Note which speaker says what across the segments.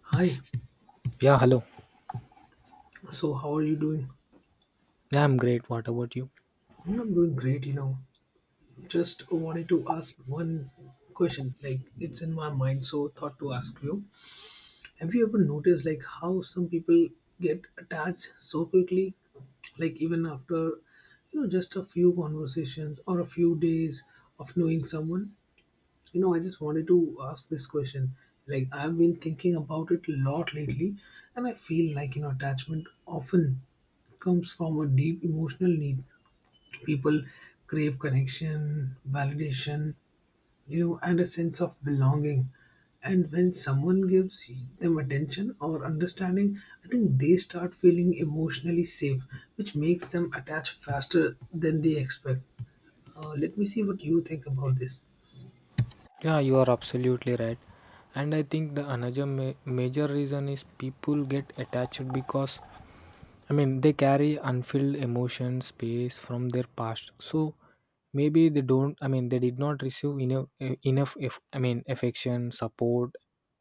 Speaker 1: Hi,
Speaker 2: Yeah, hello.
Speaker 1: so how are you doing?
Speaker 2: Yeah, I'm great. What about you?
Speaker 1: I'm doing great, Just wanted to ask one question, like it's in my mind, so thought to ask you. Have you ever noticed like how some people get attached so quickly? Like even after, just a few conversations or a few days of knowing someone? I just wanted to ask this question. Like I've been thinking about it a lot lately, and I feel like, attachment often comes from a deep emotional need. People crave connection, validation, and a sense of belonging. And when someone gives them attention or understanding, I think they start feeling emotionally safe, which makes them attach faster than they expect. Let me see what you think about this.
Speaker 2: Yeah, you are absolutely right. And I think the another major reason is people get attached because they carry unfilled emotion space from their past. So maybe they don't they did not receive enough enough if I mean affection, support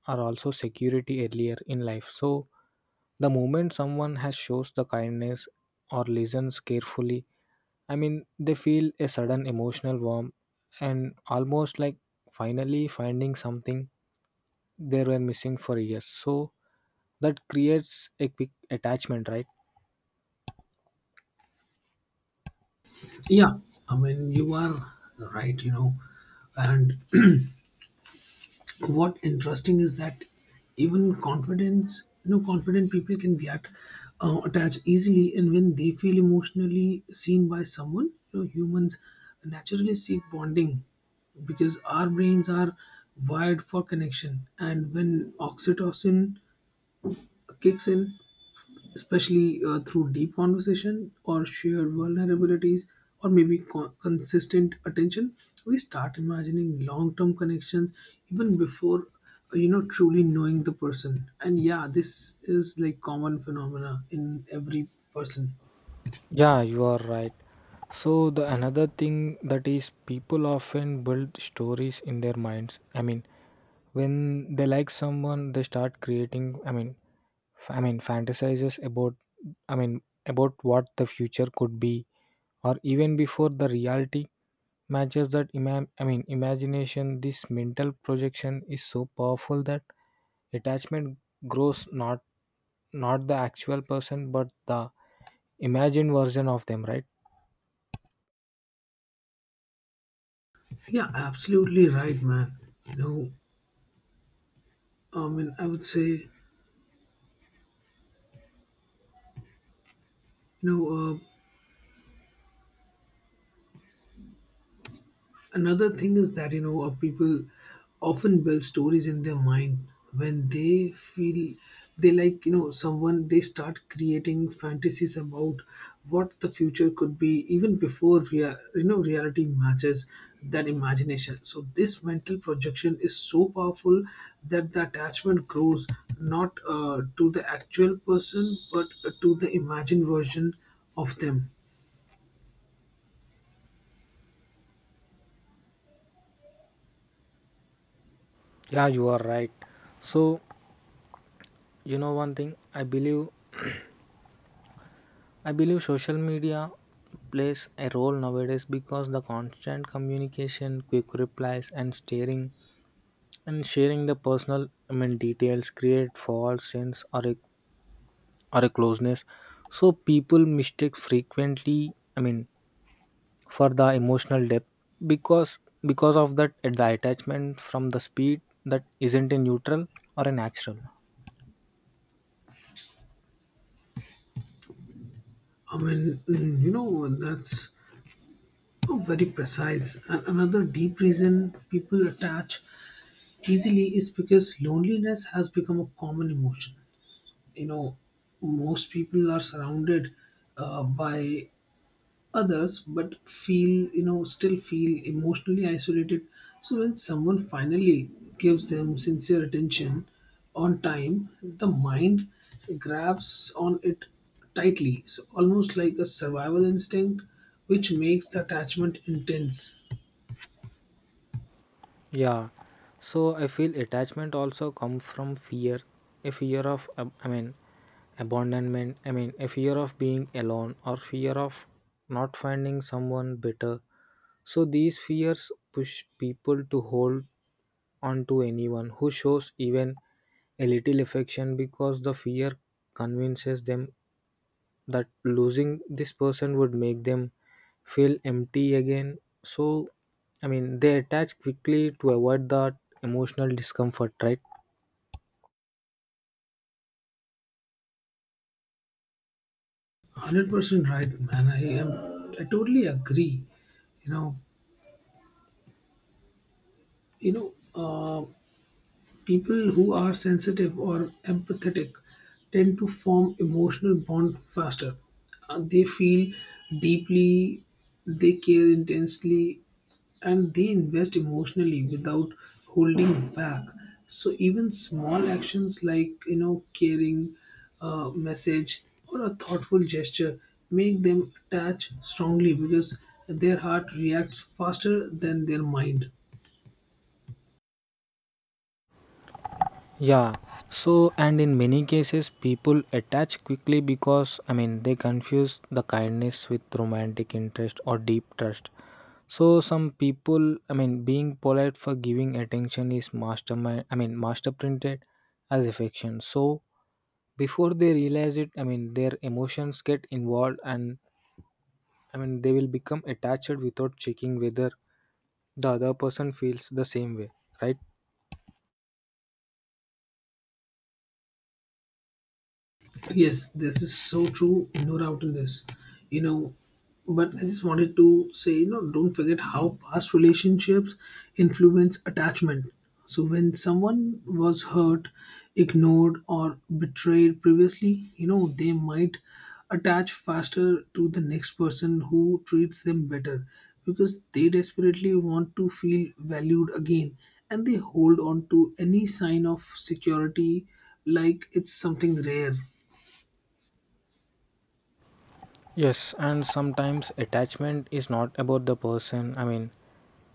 Speaker 2: or also security earlier in life. So the moment someone has shows the kindness or listens carefully, they feel a sudden emotional warmth and almost like finally finding something they were missing for years. So that creates a quick attachment, right?
Speaker 1: Yeah, I mean you are right, and what interesting is that even confidence, confident people can get attached easily, and when they feel emotionally seen by someone, humans naturally seek bonding because our brains are wired for connection. And when oxytocin kicks in, especially through deep conversation or shared vulnerabilities, or maybe consistent attention, we start imagining long-term connections even before truly knowing the person. And yeah, this is like common phenomena in every person.
Speaker 2: Yeah, you are right. So the another thing that is people often build stories in their minds. When they like someone, they start creating. I mean fantasizes about. About what the future could be, or even before the reality matches that. Imagination. This mental projection is so powerful that attachment grows not the actual person but the imagined version of them. Right.
Speaker 1: Yeah, absolutely right, man. you know I would say, you know uh, another thing is that, people often build stories in their mind. When they feel they like, someone, they start creating fantasies about what the future could be, even before reality matches that imagination. So this mental projection is so powerful that the attachment grows not to the actual person, but to the imagined version of them.
Speaker 2: Yeah, you are right. So, you know one thing, I believe social media plays a role nowadays because the constant communication, quick replies and staring and sharing the personal details create false sense or a closeness. So people mistake frequently for the emotional depth because because of that at the attachment from the speed that isn't a neutral or a natural.
Speaker 1: i mean mm, you know that's oh, very precise. Another deep reason people attach easily is because loneliness has become a common emotion. You know, most people are surrounded by others, but feel, still feel emotionally isolated. So when someone finally gives them sincere attention on time, the mind grabs on it tightly. So almost like a survival instinct, which makes the attachment intense.
Speaker 2: Yeah, so I feel attachment also come from fear, a fear of abandonment, a fear of being alone or fear of not finding someone better. So these fears push people to hold on to anyone who shows even a little affection because the fear convinces them that losing this person would make them feel empty again. So, they attach quickly to avoid that emotional discomfort, right?
Speaker 1: 100% right, man. I am. I totally agree. You know. You know. Uh, People who are sensitive or empathetic tend to form emotional bond faster. They feel deeply, they care intensely, and they invest emotionally without holding back. So even small actions like, caring, a message, or a thoughtful gesture make them attach strongly because their heart reacts faster than their mind.
Speaker 2: Yeah. So, and in many cases, people attach quickly because, they confuse the kindness with romantic interest or deep trust. So, some people, being polite for giving attention is mastermind, master printed as affection. So, before they realize it their emotions get involved and they will become attached without checking whether the other person feels the same way, right?
Speaker 1: Yes, this is so true. No doubt in this. You know, but I just wanted to say, don't forget how past relationships influence attachment. So when someone was hurt, ignored, or betrayed previously, they might attach faster to the next person who treats them better, because they desperately want to feel valued again, and they hold on to any sign of security like it's something rare.
Speaker 2: Yes, and sometimes attachment is not about the person,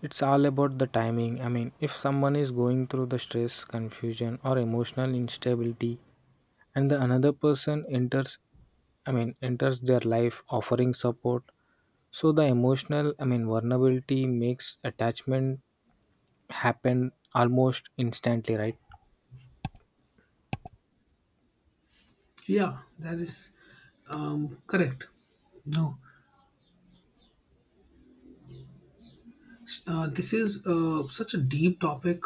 Speaker 2: it's all about the timing. If someone is going through the stress confusion or emotional instability and the another person enters, enters their life offering support, so the emotional vulnerability makes attachment happened almost instantly, right?
Speaker 1: Yeah, that is correct. No. This is such a deep topic,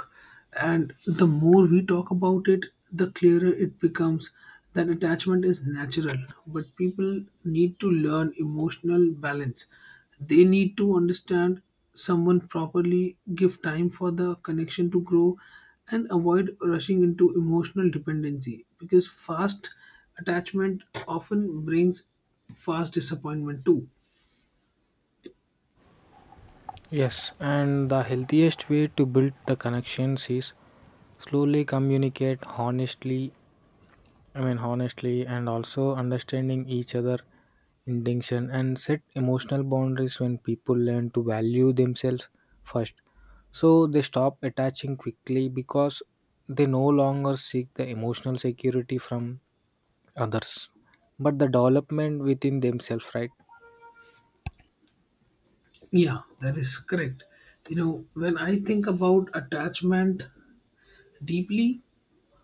Speaker 1: and the more we talk about it, the clearer it becomes that attachment is natural. But people need to learn emotional balance. They need to understand someone properly, give time for the connection to grow, and avoid rushing into emotional dependency, because fast attachment often brings fast disappointment too.
Speaker 2: Yes, and the healthiest way to build the connections is slowly communicate honestly. Honestly, and also understanding each other intention and set emotional boundaries when people learn to value themselves first. So they stop attaching quickly because they no longer seek the emotional security from others, but the development within themselves, right?
Speaker 1: Yeah, that is correct. You know, when I think about attachment deeply,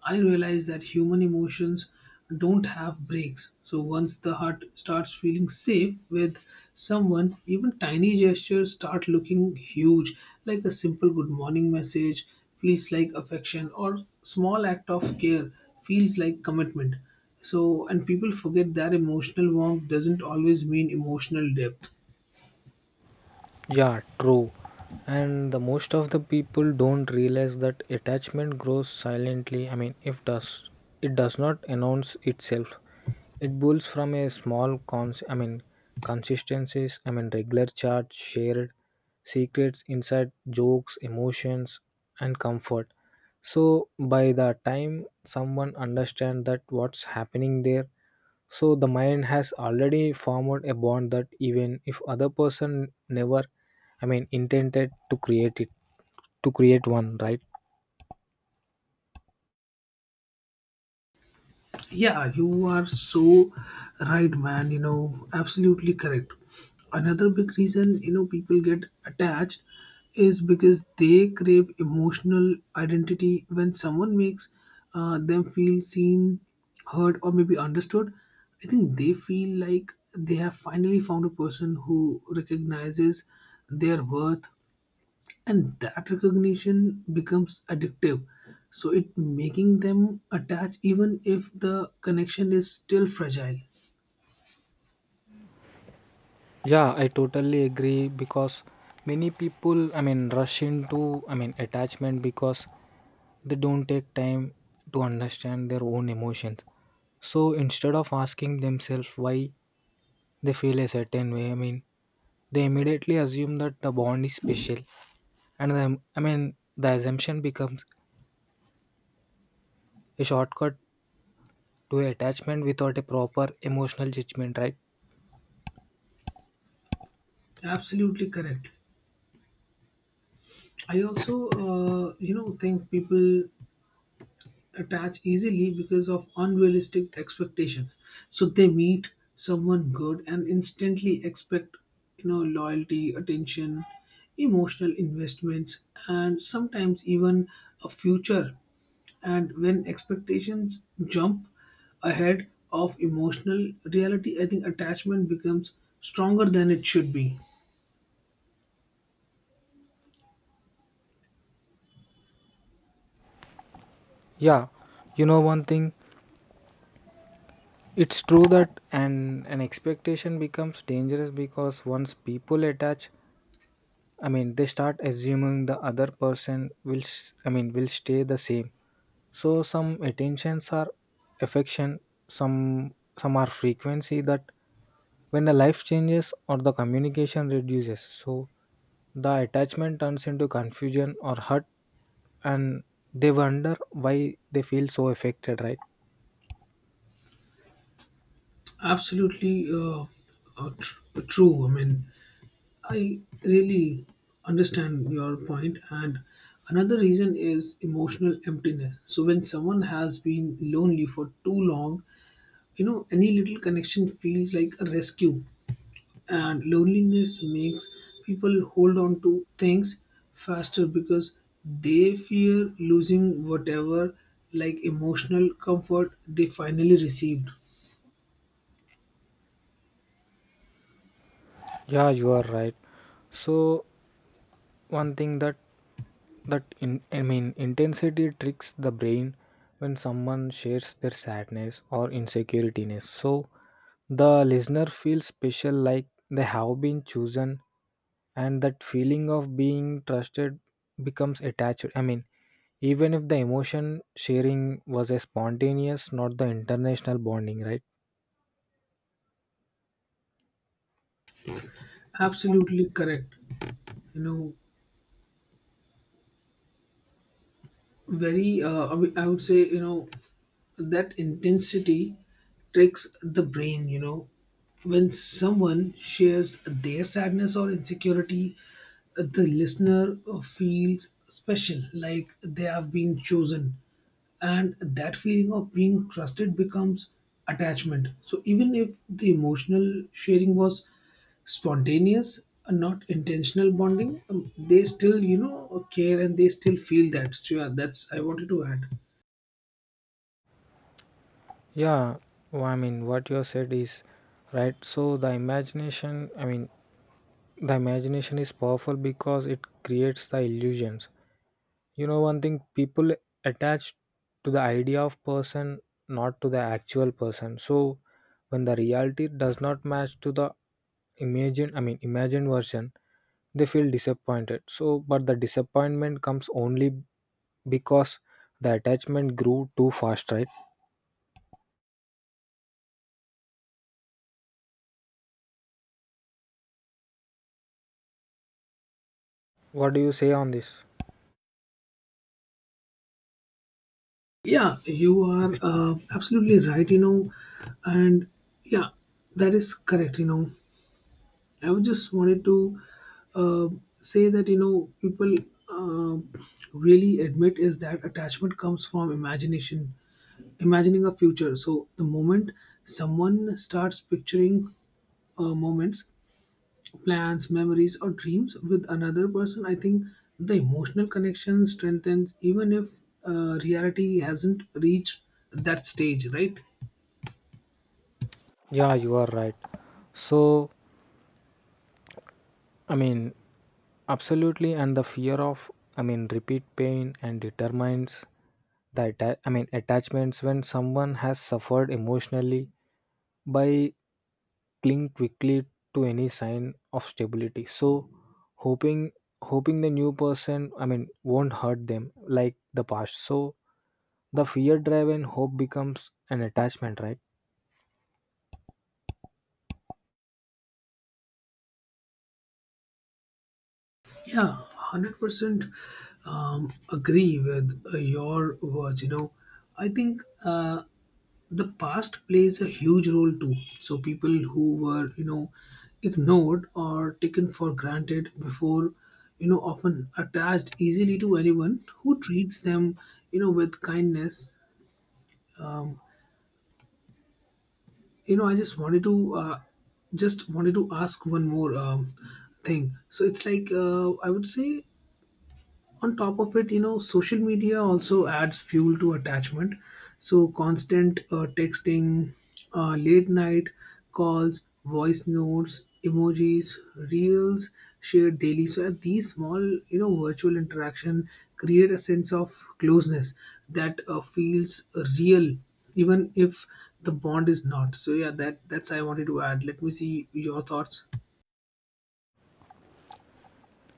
Speaker 1: I realize that human emotions don't have breaks. So once the heart starts feeling safe with someone, even tiny gestures start looking huge. Like a simple good morning message feels like affection, or small act of care feels like commitment. So and people forget that emotional warmth doesn't always mean emotional depth.
Speaker 2: Yeah, true. And the most of the people don't realize that attachment grows silently. I mean, if does It does not announce itself. It builds from a small consistencies, regular charts, shared secrets, inside jokes, emotions and comfort. So by the time someone understands that what's happening there, so the mind has already formed a bond that even if other person never, intended to create it, to create one, right?
Speaker 1: Yeah, you are so right, man. You know, absolutely correct. Another big reason, people get attached is because they crave emotional identity. When someone makes them feel seen, heard, or maybe understood, I think they feel like they have finally found a person who recognizes their worth, and that recognition becomes addictive, so it making them attach even if the connection is still fragile.
Speaker 2: Yeah, I totally agree because many people, rush into, attachment because they don't take time to understand their own emotions. So instead of asking themselves why they feel a certain way, they immediately assume that the bond is special, and the assumption becomes a shortcut to attachment without a proper emotional judgment, right?
Speaker 1: Absolutely correct. I also think people attach easily because of unrealistic expectations. So they meet someone good and instantly expect, loyalty, attention, emotional investments, and sometimes even a future. And when expectations jump ahead of emotional reality, I think attachment becomes stronger than it should be.
Speaker 2: Yeah, you know one thing, it's true that an expectation becomes dangerous because once people attach, they start assuming the other person will, will stay the same. So some attentions are affection, some are frequency that when the life changes or the communication reduces, so the attachment turns into confusion or hurt and they wonder why they feel so affected, right?
Speaker 1: Absolutely uh, tr- true. I mean, I really understand your point. And another reason is emotional emptiness. So when someone has been lonely for too long, any little connection feels like a rescue, and loneliness makes people hold on to things faster because they fear losing whatever like emotional comfort they finally received.
Speaker 2: Yeah, you are right. So one thing that that in I mean intensity tricks the brain when someone shares their sadness or insecurityness, so the listener feels special like they have been chosen, and that feeling of being trusted becomes attached, even if the emotion sharing was a spontaneous not the international bonding, right?
Speaker 1: Absolutely correct. You know, very I would say, that intensity tricks the brain, when someone shares their sadness or insecurity. The listener feels special, like they have been chosen, and that feeling of being trusted becomes attachment. So even if the emotional sharing was spontaneous, not intentional bonding, they still, care, and they still feel that. So yeah, that's I wanted to add.
Speaker 2: Yeah, well, what you have said is right. So the imagination, the imagination is powerful because it creates the illusions. You know one thing, people attach to the idea of person not to the actual person. So when the reality does not match to the imagined version, they feel disappointed. So but the disappointment comes only because the attachment grew too fast, right? What do you say on this?
Speaker 1: Yeah, you are absolutely right, and yeah, that is correct, I would just wanted to uh, say that, people uh, really admit is that attachment comes from imagination, imagining a future. So the moment someone starts picturing moments, plans, memories, or dreams with another person, I think the emotional connection strengthens even if reality hasn't reached that stage, right?
Speaker 2: Yeah, you are right. So, i mean absolutely, and the fear of repeat pain and determines the attachments. When someone has suffered emotionally by cling quickly to any sign of stability, so hoping hoping the new person, won't hurt them like the past. So the fear driven hope becomes an attachment, right?
Speaker 1: Yeah, 100% agree with your words. You know, I think the past plays a huge role too. So, people who were, ignored or taken for granted before, often attached easily to anyone who treats them, with kindness. Um, I just wanted to ask one more thing. So it's like, I would say, on top of it, social media also adds fuel to attachment. So constant texting, late night calls, voice notes, emojis, reels shared daily. So these small, virtual interaction create a sense of closeness that feels real even if the bond is not. So yeah, that's I wanted to add. Let me see your thoughts.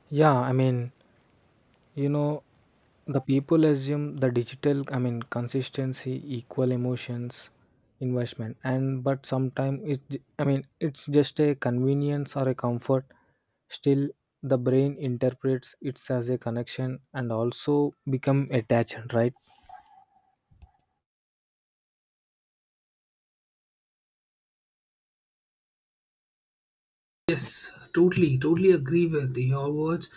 Speaker 2: Yeah, you know the people assume the digital, consistency equal emotions investment, and but sometimes it's, it's just a convenience or a comfort. Still, the brain interprets it as a connection and also become attached, right?
Speaker 1: Yes, totally, totally agree with your words.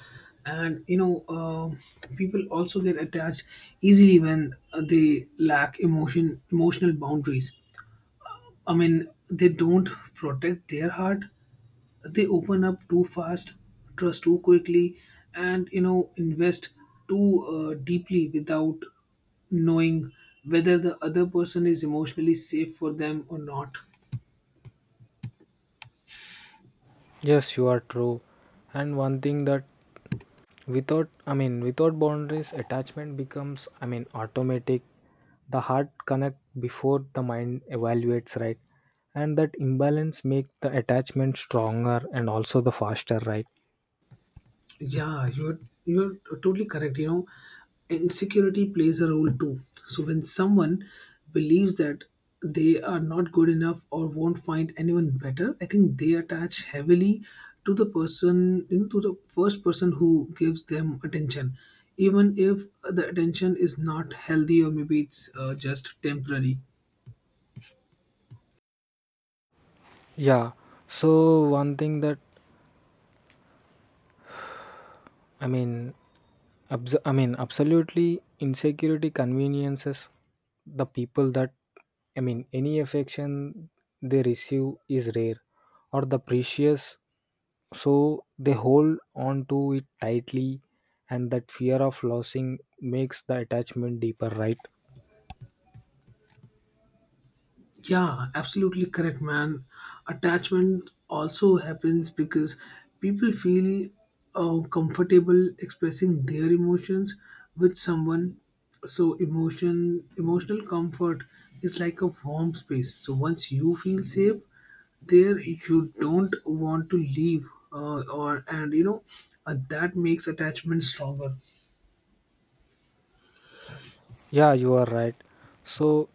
Speaker 1: And you know, um people also get attached easily when they lack emotional boundaries. I mean, they don't protect their heart. They open up too fast, trust too quickly, and, invest too deeply without knowing whether the other person is emotionally safe for them or not.
Speaker 2: Yes, you are true. And one thing that without, without boundaries attachment becomes, automatic. The heart connect before the mind evaluates, right? And that imbalance make the attachment stronger and also the faster, right?
Speaker 1: Yeah, you're totally correct. You know, insecurity plays a role too. So when someone believes that they are not good enough or won't find anyone better, I think they attach heavily to the person, to the first person who gives them attention, even if the attention is not healthy, or maybe it's just temporary.
Speaker 2: Yeah, so one thing that, I mean, absolutely insecurity conveniences the people that, any affection they receive is rare or the precious, so they hold on to it tightly, and that fear of losing makes the attachment deeper, right?
Speaker 1: Yeah, absolutely correct, man. Attachment also happens because people feel comfortable expressing their emotions with someone. So emotional comfort is like a warm space. So once you feel safe there, you don't want to leave, or and you know that makes attachment stronger.
Speaker 2: Yeah, you are right. So,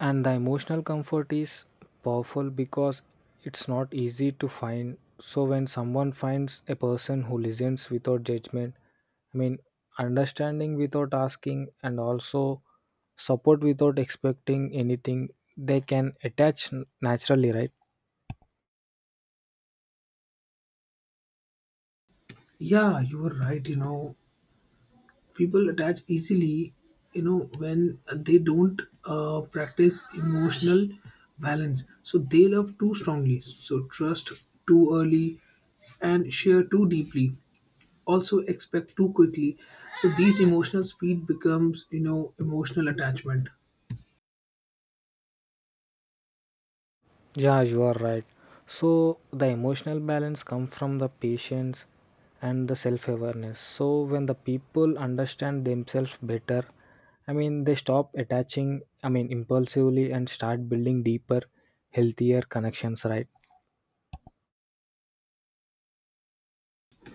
Speaker 2: and the emotional comfort is powerful because it's not easy to find. So when someone finds a person who listens without judgment, i mean understanding without asking and also support without expecting anything, they can attach naturally, right?
Speaker 1: Yeah, you are right. You know, people attach easily, when they don't practice emotional balance. So they love too strongly, so trust too early, and share too deeply, also expect too quickly. So these emotional speed becomes, emotional attachment.
Speaker 2: Yeah, you are right. So the emotional balance comes from the patience and the self-awareness. So when the people understand themselves better, they stop attaching, impulsively and start building deeper, healthier connections, right?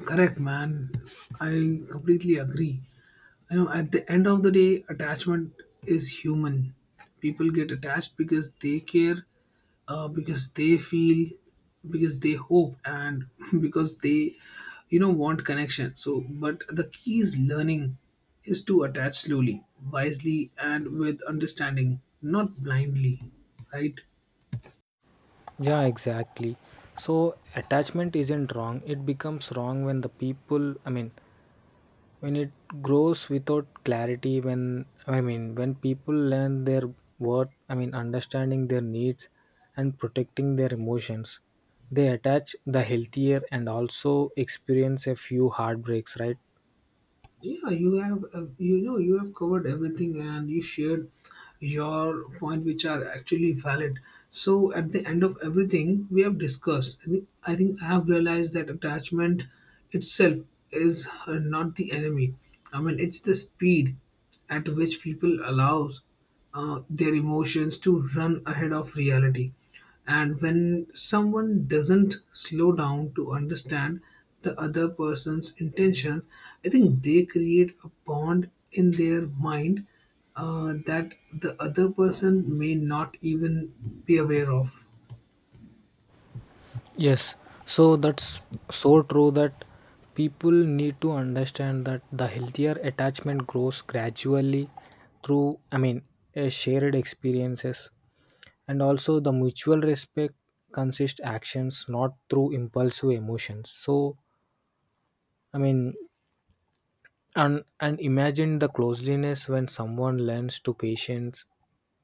Speaker 1: Correct, man. I completely agree. You know, at the end of the day, attachment is human. People get attached because they care, because they feel, because they hope, and because they, want connection. So but the key is learning is to attach slowly, wisely, and with understanding, not blindly, right?
Speaker 2: Yeah, exactly. So attachment isn't wrong. It becomes wrong when the people, when it grows without clarity, when when people learn their worth, understanding their needs and protecting their emotions, they attach the healthier and also experience a few heartbreaks, right?
Speaker 1: Yeah, you have you have covered everything, and you shared your point which are actually valid. So at the end of everything we have discussed, I think I have realized that attachment itself is not the enemy. I mean, it's the speed at which people allows their emotions to run ahead of reality. And when someone doesn't slow down to understand the other person's intentions, I think they create a bond in their mind that the other person may not even be aware of.
Speaker 2: Yes, so that's so true that people need to understand that the healthier attachment grows gradually through, a shared experiences and also the mutual respect consists actions not through impulsive emotions. So I mean and imagine the closeliness when someone learns to patience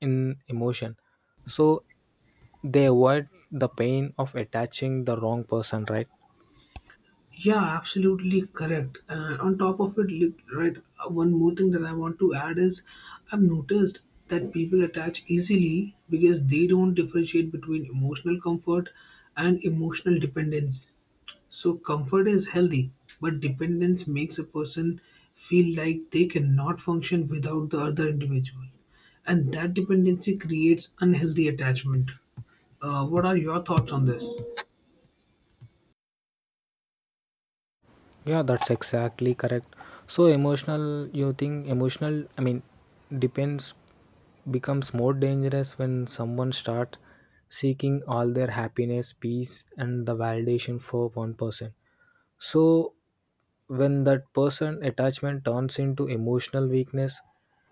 Speaker 2: in emotion, so they avoid the pain of attaching the wrong person, right?
Speaker 1: Yeah, absolutely correct. And on top of it, like, right, one more thing that I want to add is I've noticed that people attach easily because they don't differentiate between emotional comfort and emotional dependence. So, comfort is healthy, but dependence makes a person feel like they cannot function without the other individual. And that dependency creates unhealthy attachment. What are your thoughts on this?
Speaker 2: Yeah, that's exactly correct. So emotional, you think emotional, depends becomes more dangerous when someone starts seeking all their happiness, peace, and the validation for one person. So, when that person attachment turns into emotional weakness,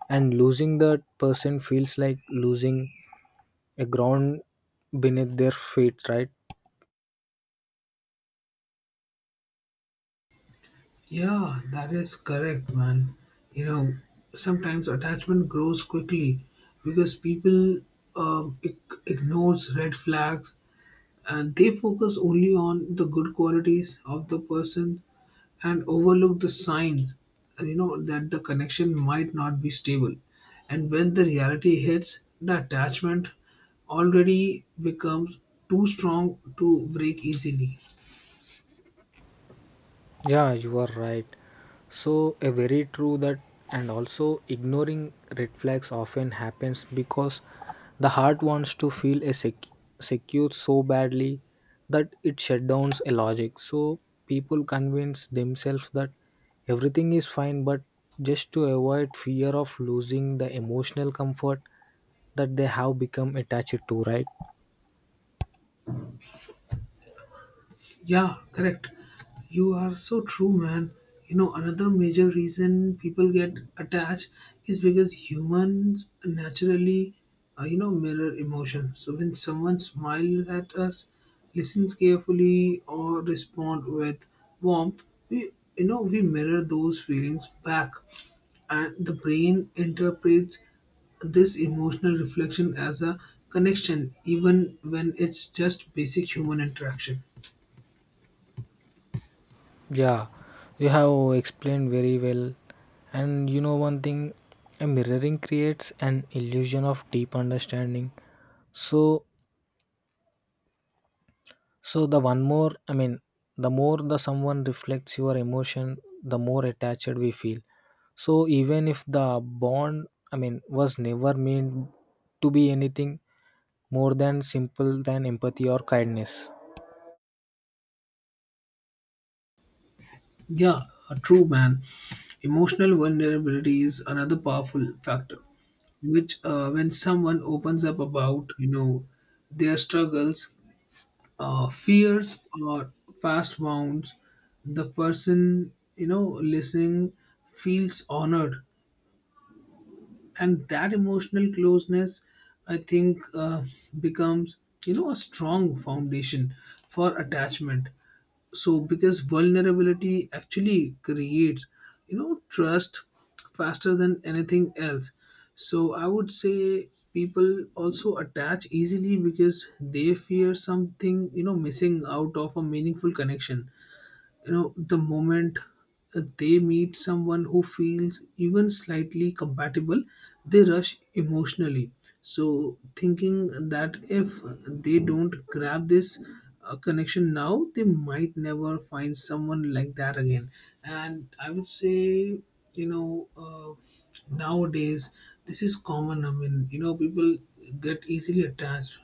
Speaker 2: and losing that person feels like losing a ground beneath their feet, right?
Speaker 1: Yeah, that is correct, man. You know, sometimes attachment grows quickly because people um, ig- ignores red flags, and they focus only on the good qualities of the person and overlook the signs. And you know that the connection might not be stable, and when the reality hits, the attachment already becomes too strong to break easily.
Speaker 2: Yeah, you are right. So, a very true that, and also ignoring red flags often happens because the heart wants to feel a secure so badly that it shuts down a logic. So, people convince themselves that everything is fine, but just to avoid fear of losing the emotional comfort that they have become attached to, right?
Speaker 1: Yeah, correct. You are so true, man. You know, another major reason people get attached is because humans naturally mirror emotion. So when someone smiles at us, listens carefully, or respond with warmth, we, we mirror those feelings back, and the brain interprets this emotional reflection as a connection, even when it's just basic human interaction.
Speaker 2: Yeah, you have explained very well. And you know, one thing, a mirroring creates an illusion of deep understanding. So, the one more, the more the someone reflects your emotion, the more attached we feel. So, even if the bond, was never meant to be anything more than simple than empathy or kindness.
Speaker 1: Yeah, a true man. Emotional vulnerability is another powerful factor, which, when someone opens up about, their struggles, fears, or past wounds, the person, listening, feels honored. And that emotional closeness, I think, becomes, a strong foundation for attachment, so because vulnerability actually creates, trust faster than anything else. So I would say people also attach easily because they fear something, missing out of a meaningful connection. You know, the moment they meet someone who feels even slightly compatible, they rush emotionally, so thinking that if they don't grab this connection now, they might never find someone like that again. And I would say, you know uh, nowadays this is common. I mean, people get easily attached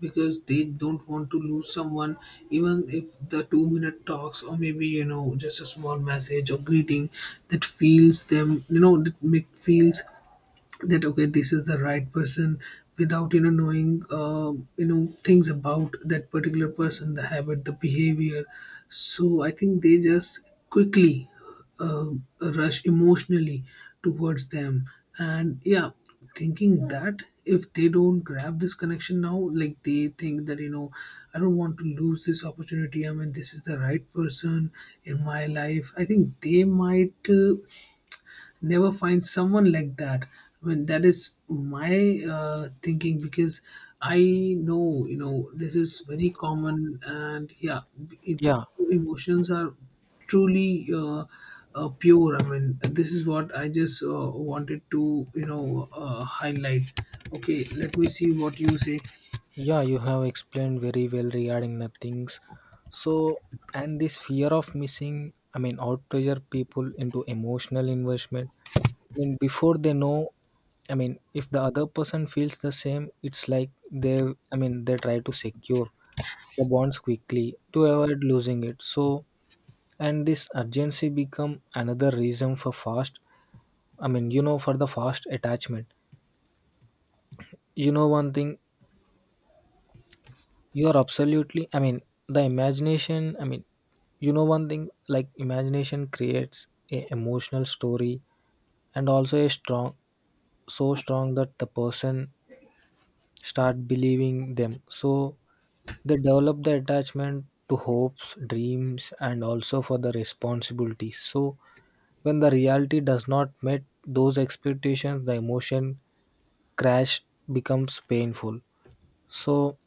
Speaker 1: because they don't want to lose someone, even if the 2 minute talks, or maybe, just a small message or greeting, that feels them, that make feels that okay, this is the right person, without, knowing things about that particular person, the habit, the behavior. So I think they just quickly uh, rush emotionally towards them. And yeah, thinking that if they don't grab this connection now, like they think that, I don't want to lose this opportunity. I mean, this is the right person in my life. I think they might never find someone like that. I mean, that is my thinking, because I know, this is very common. And yeah, it,
Speaker 2: Yeah,
Speaker 1: emotions are truly pure. I mean, this is what I just wanted to, highlight. Okay, let me see what you say.
Speaker 2: yeah, you have explained very well regarding the things. So, and this fear of missing, out pressure people into emotional investment. Before they know, if the other person feels the same, it's like they, they try to secure the bonds quickly to avoid losing it. So, and this urgency become another reason for fast. For the fast attachment. You know, one thing, you are absolutely, the imagination, one thing like imagination creates a emotional story and also a strong, so strong that the person start believing them. So they develop the attachment to hopes, dreams, and also for the responsibilities. So when the reality does not meet those expectations, the emotion crash becomes painful. So,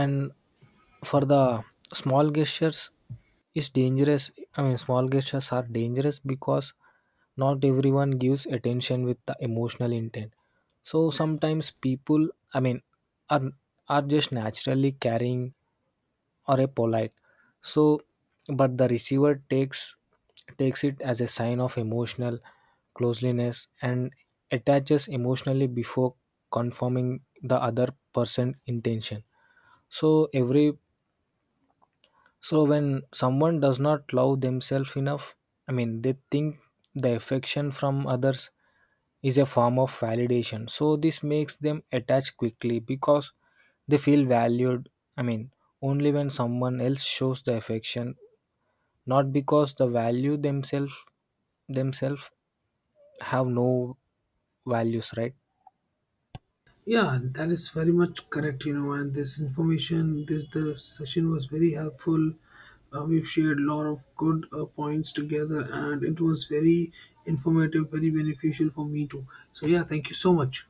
Speaker 2: and for the small gestures is dangerous, small gestures are dangerous because not everyone gives attention with the emotional intent. So sometimes people, are just naturally caring or a polite. So but the receiver takes it as a sign of emotional closeliness and attaches emotionally before confirming the other person intention. So every, so when someone does not love themselves enough, they think the affection from others is a form of validation. So this makes them attach quickly because they feel valued. I mean Only when someone else shows the affection, not because the value themselves themselves have no values, right?
Speaker 1: Yeah, that is very much correct, you know, and this information, this the session was very helpful. We've shared a lot of good points together, and it was very informative, very beneficial for me too. So, yeah, thank you so much.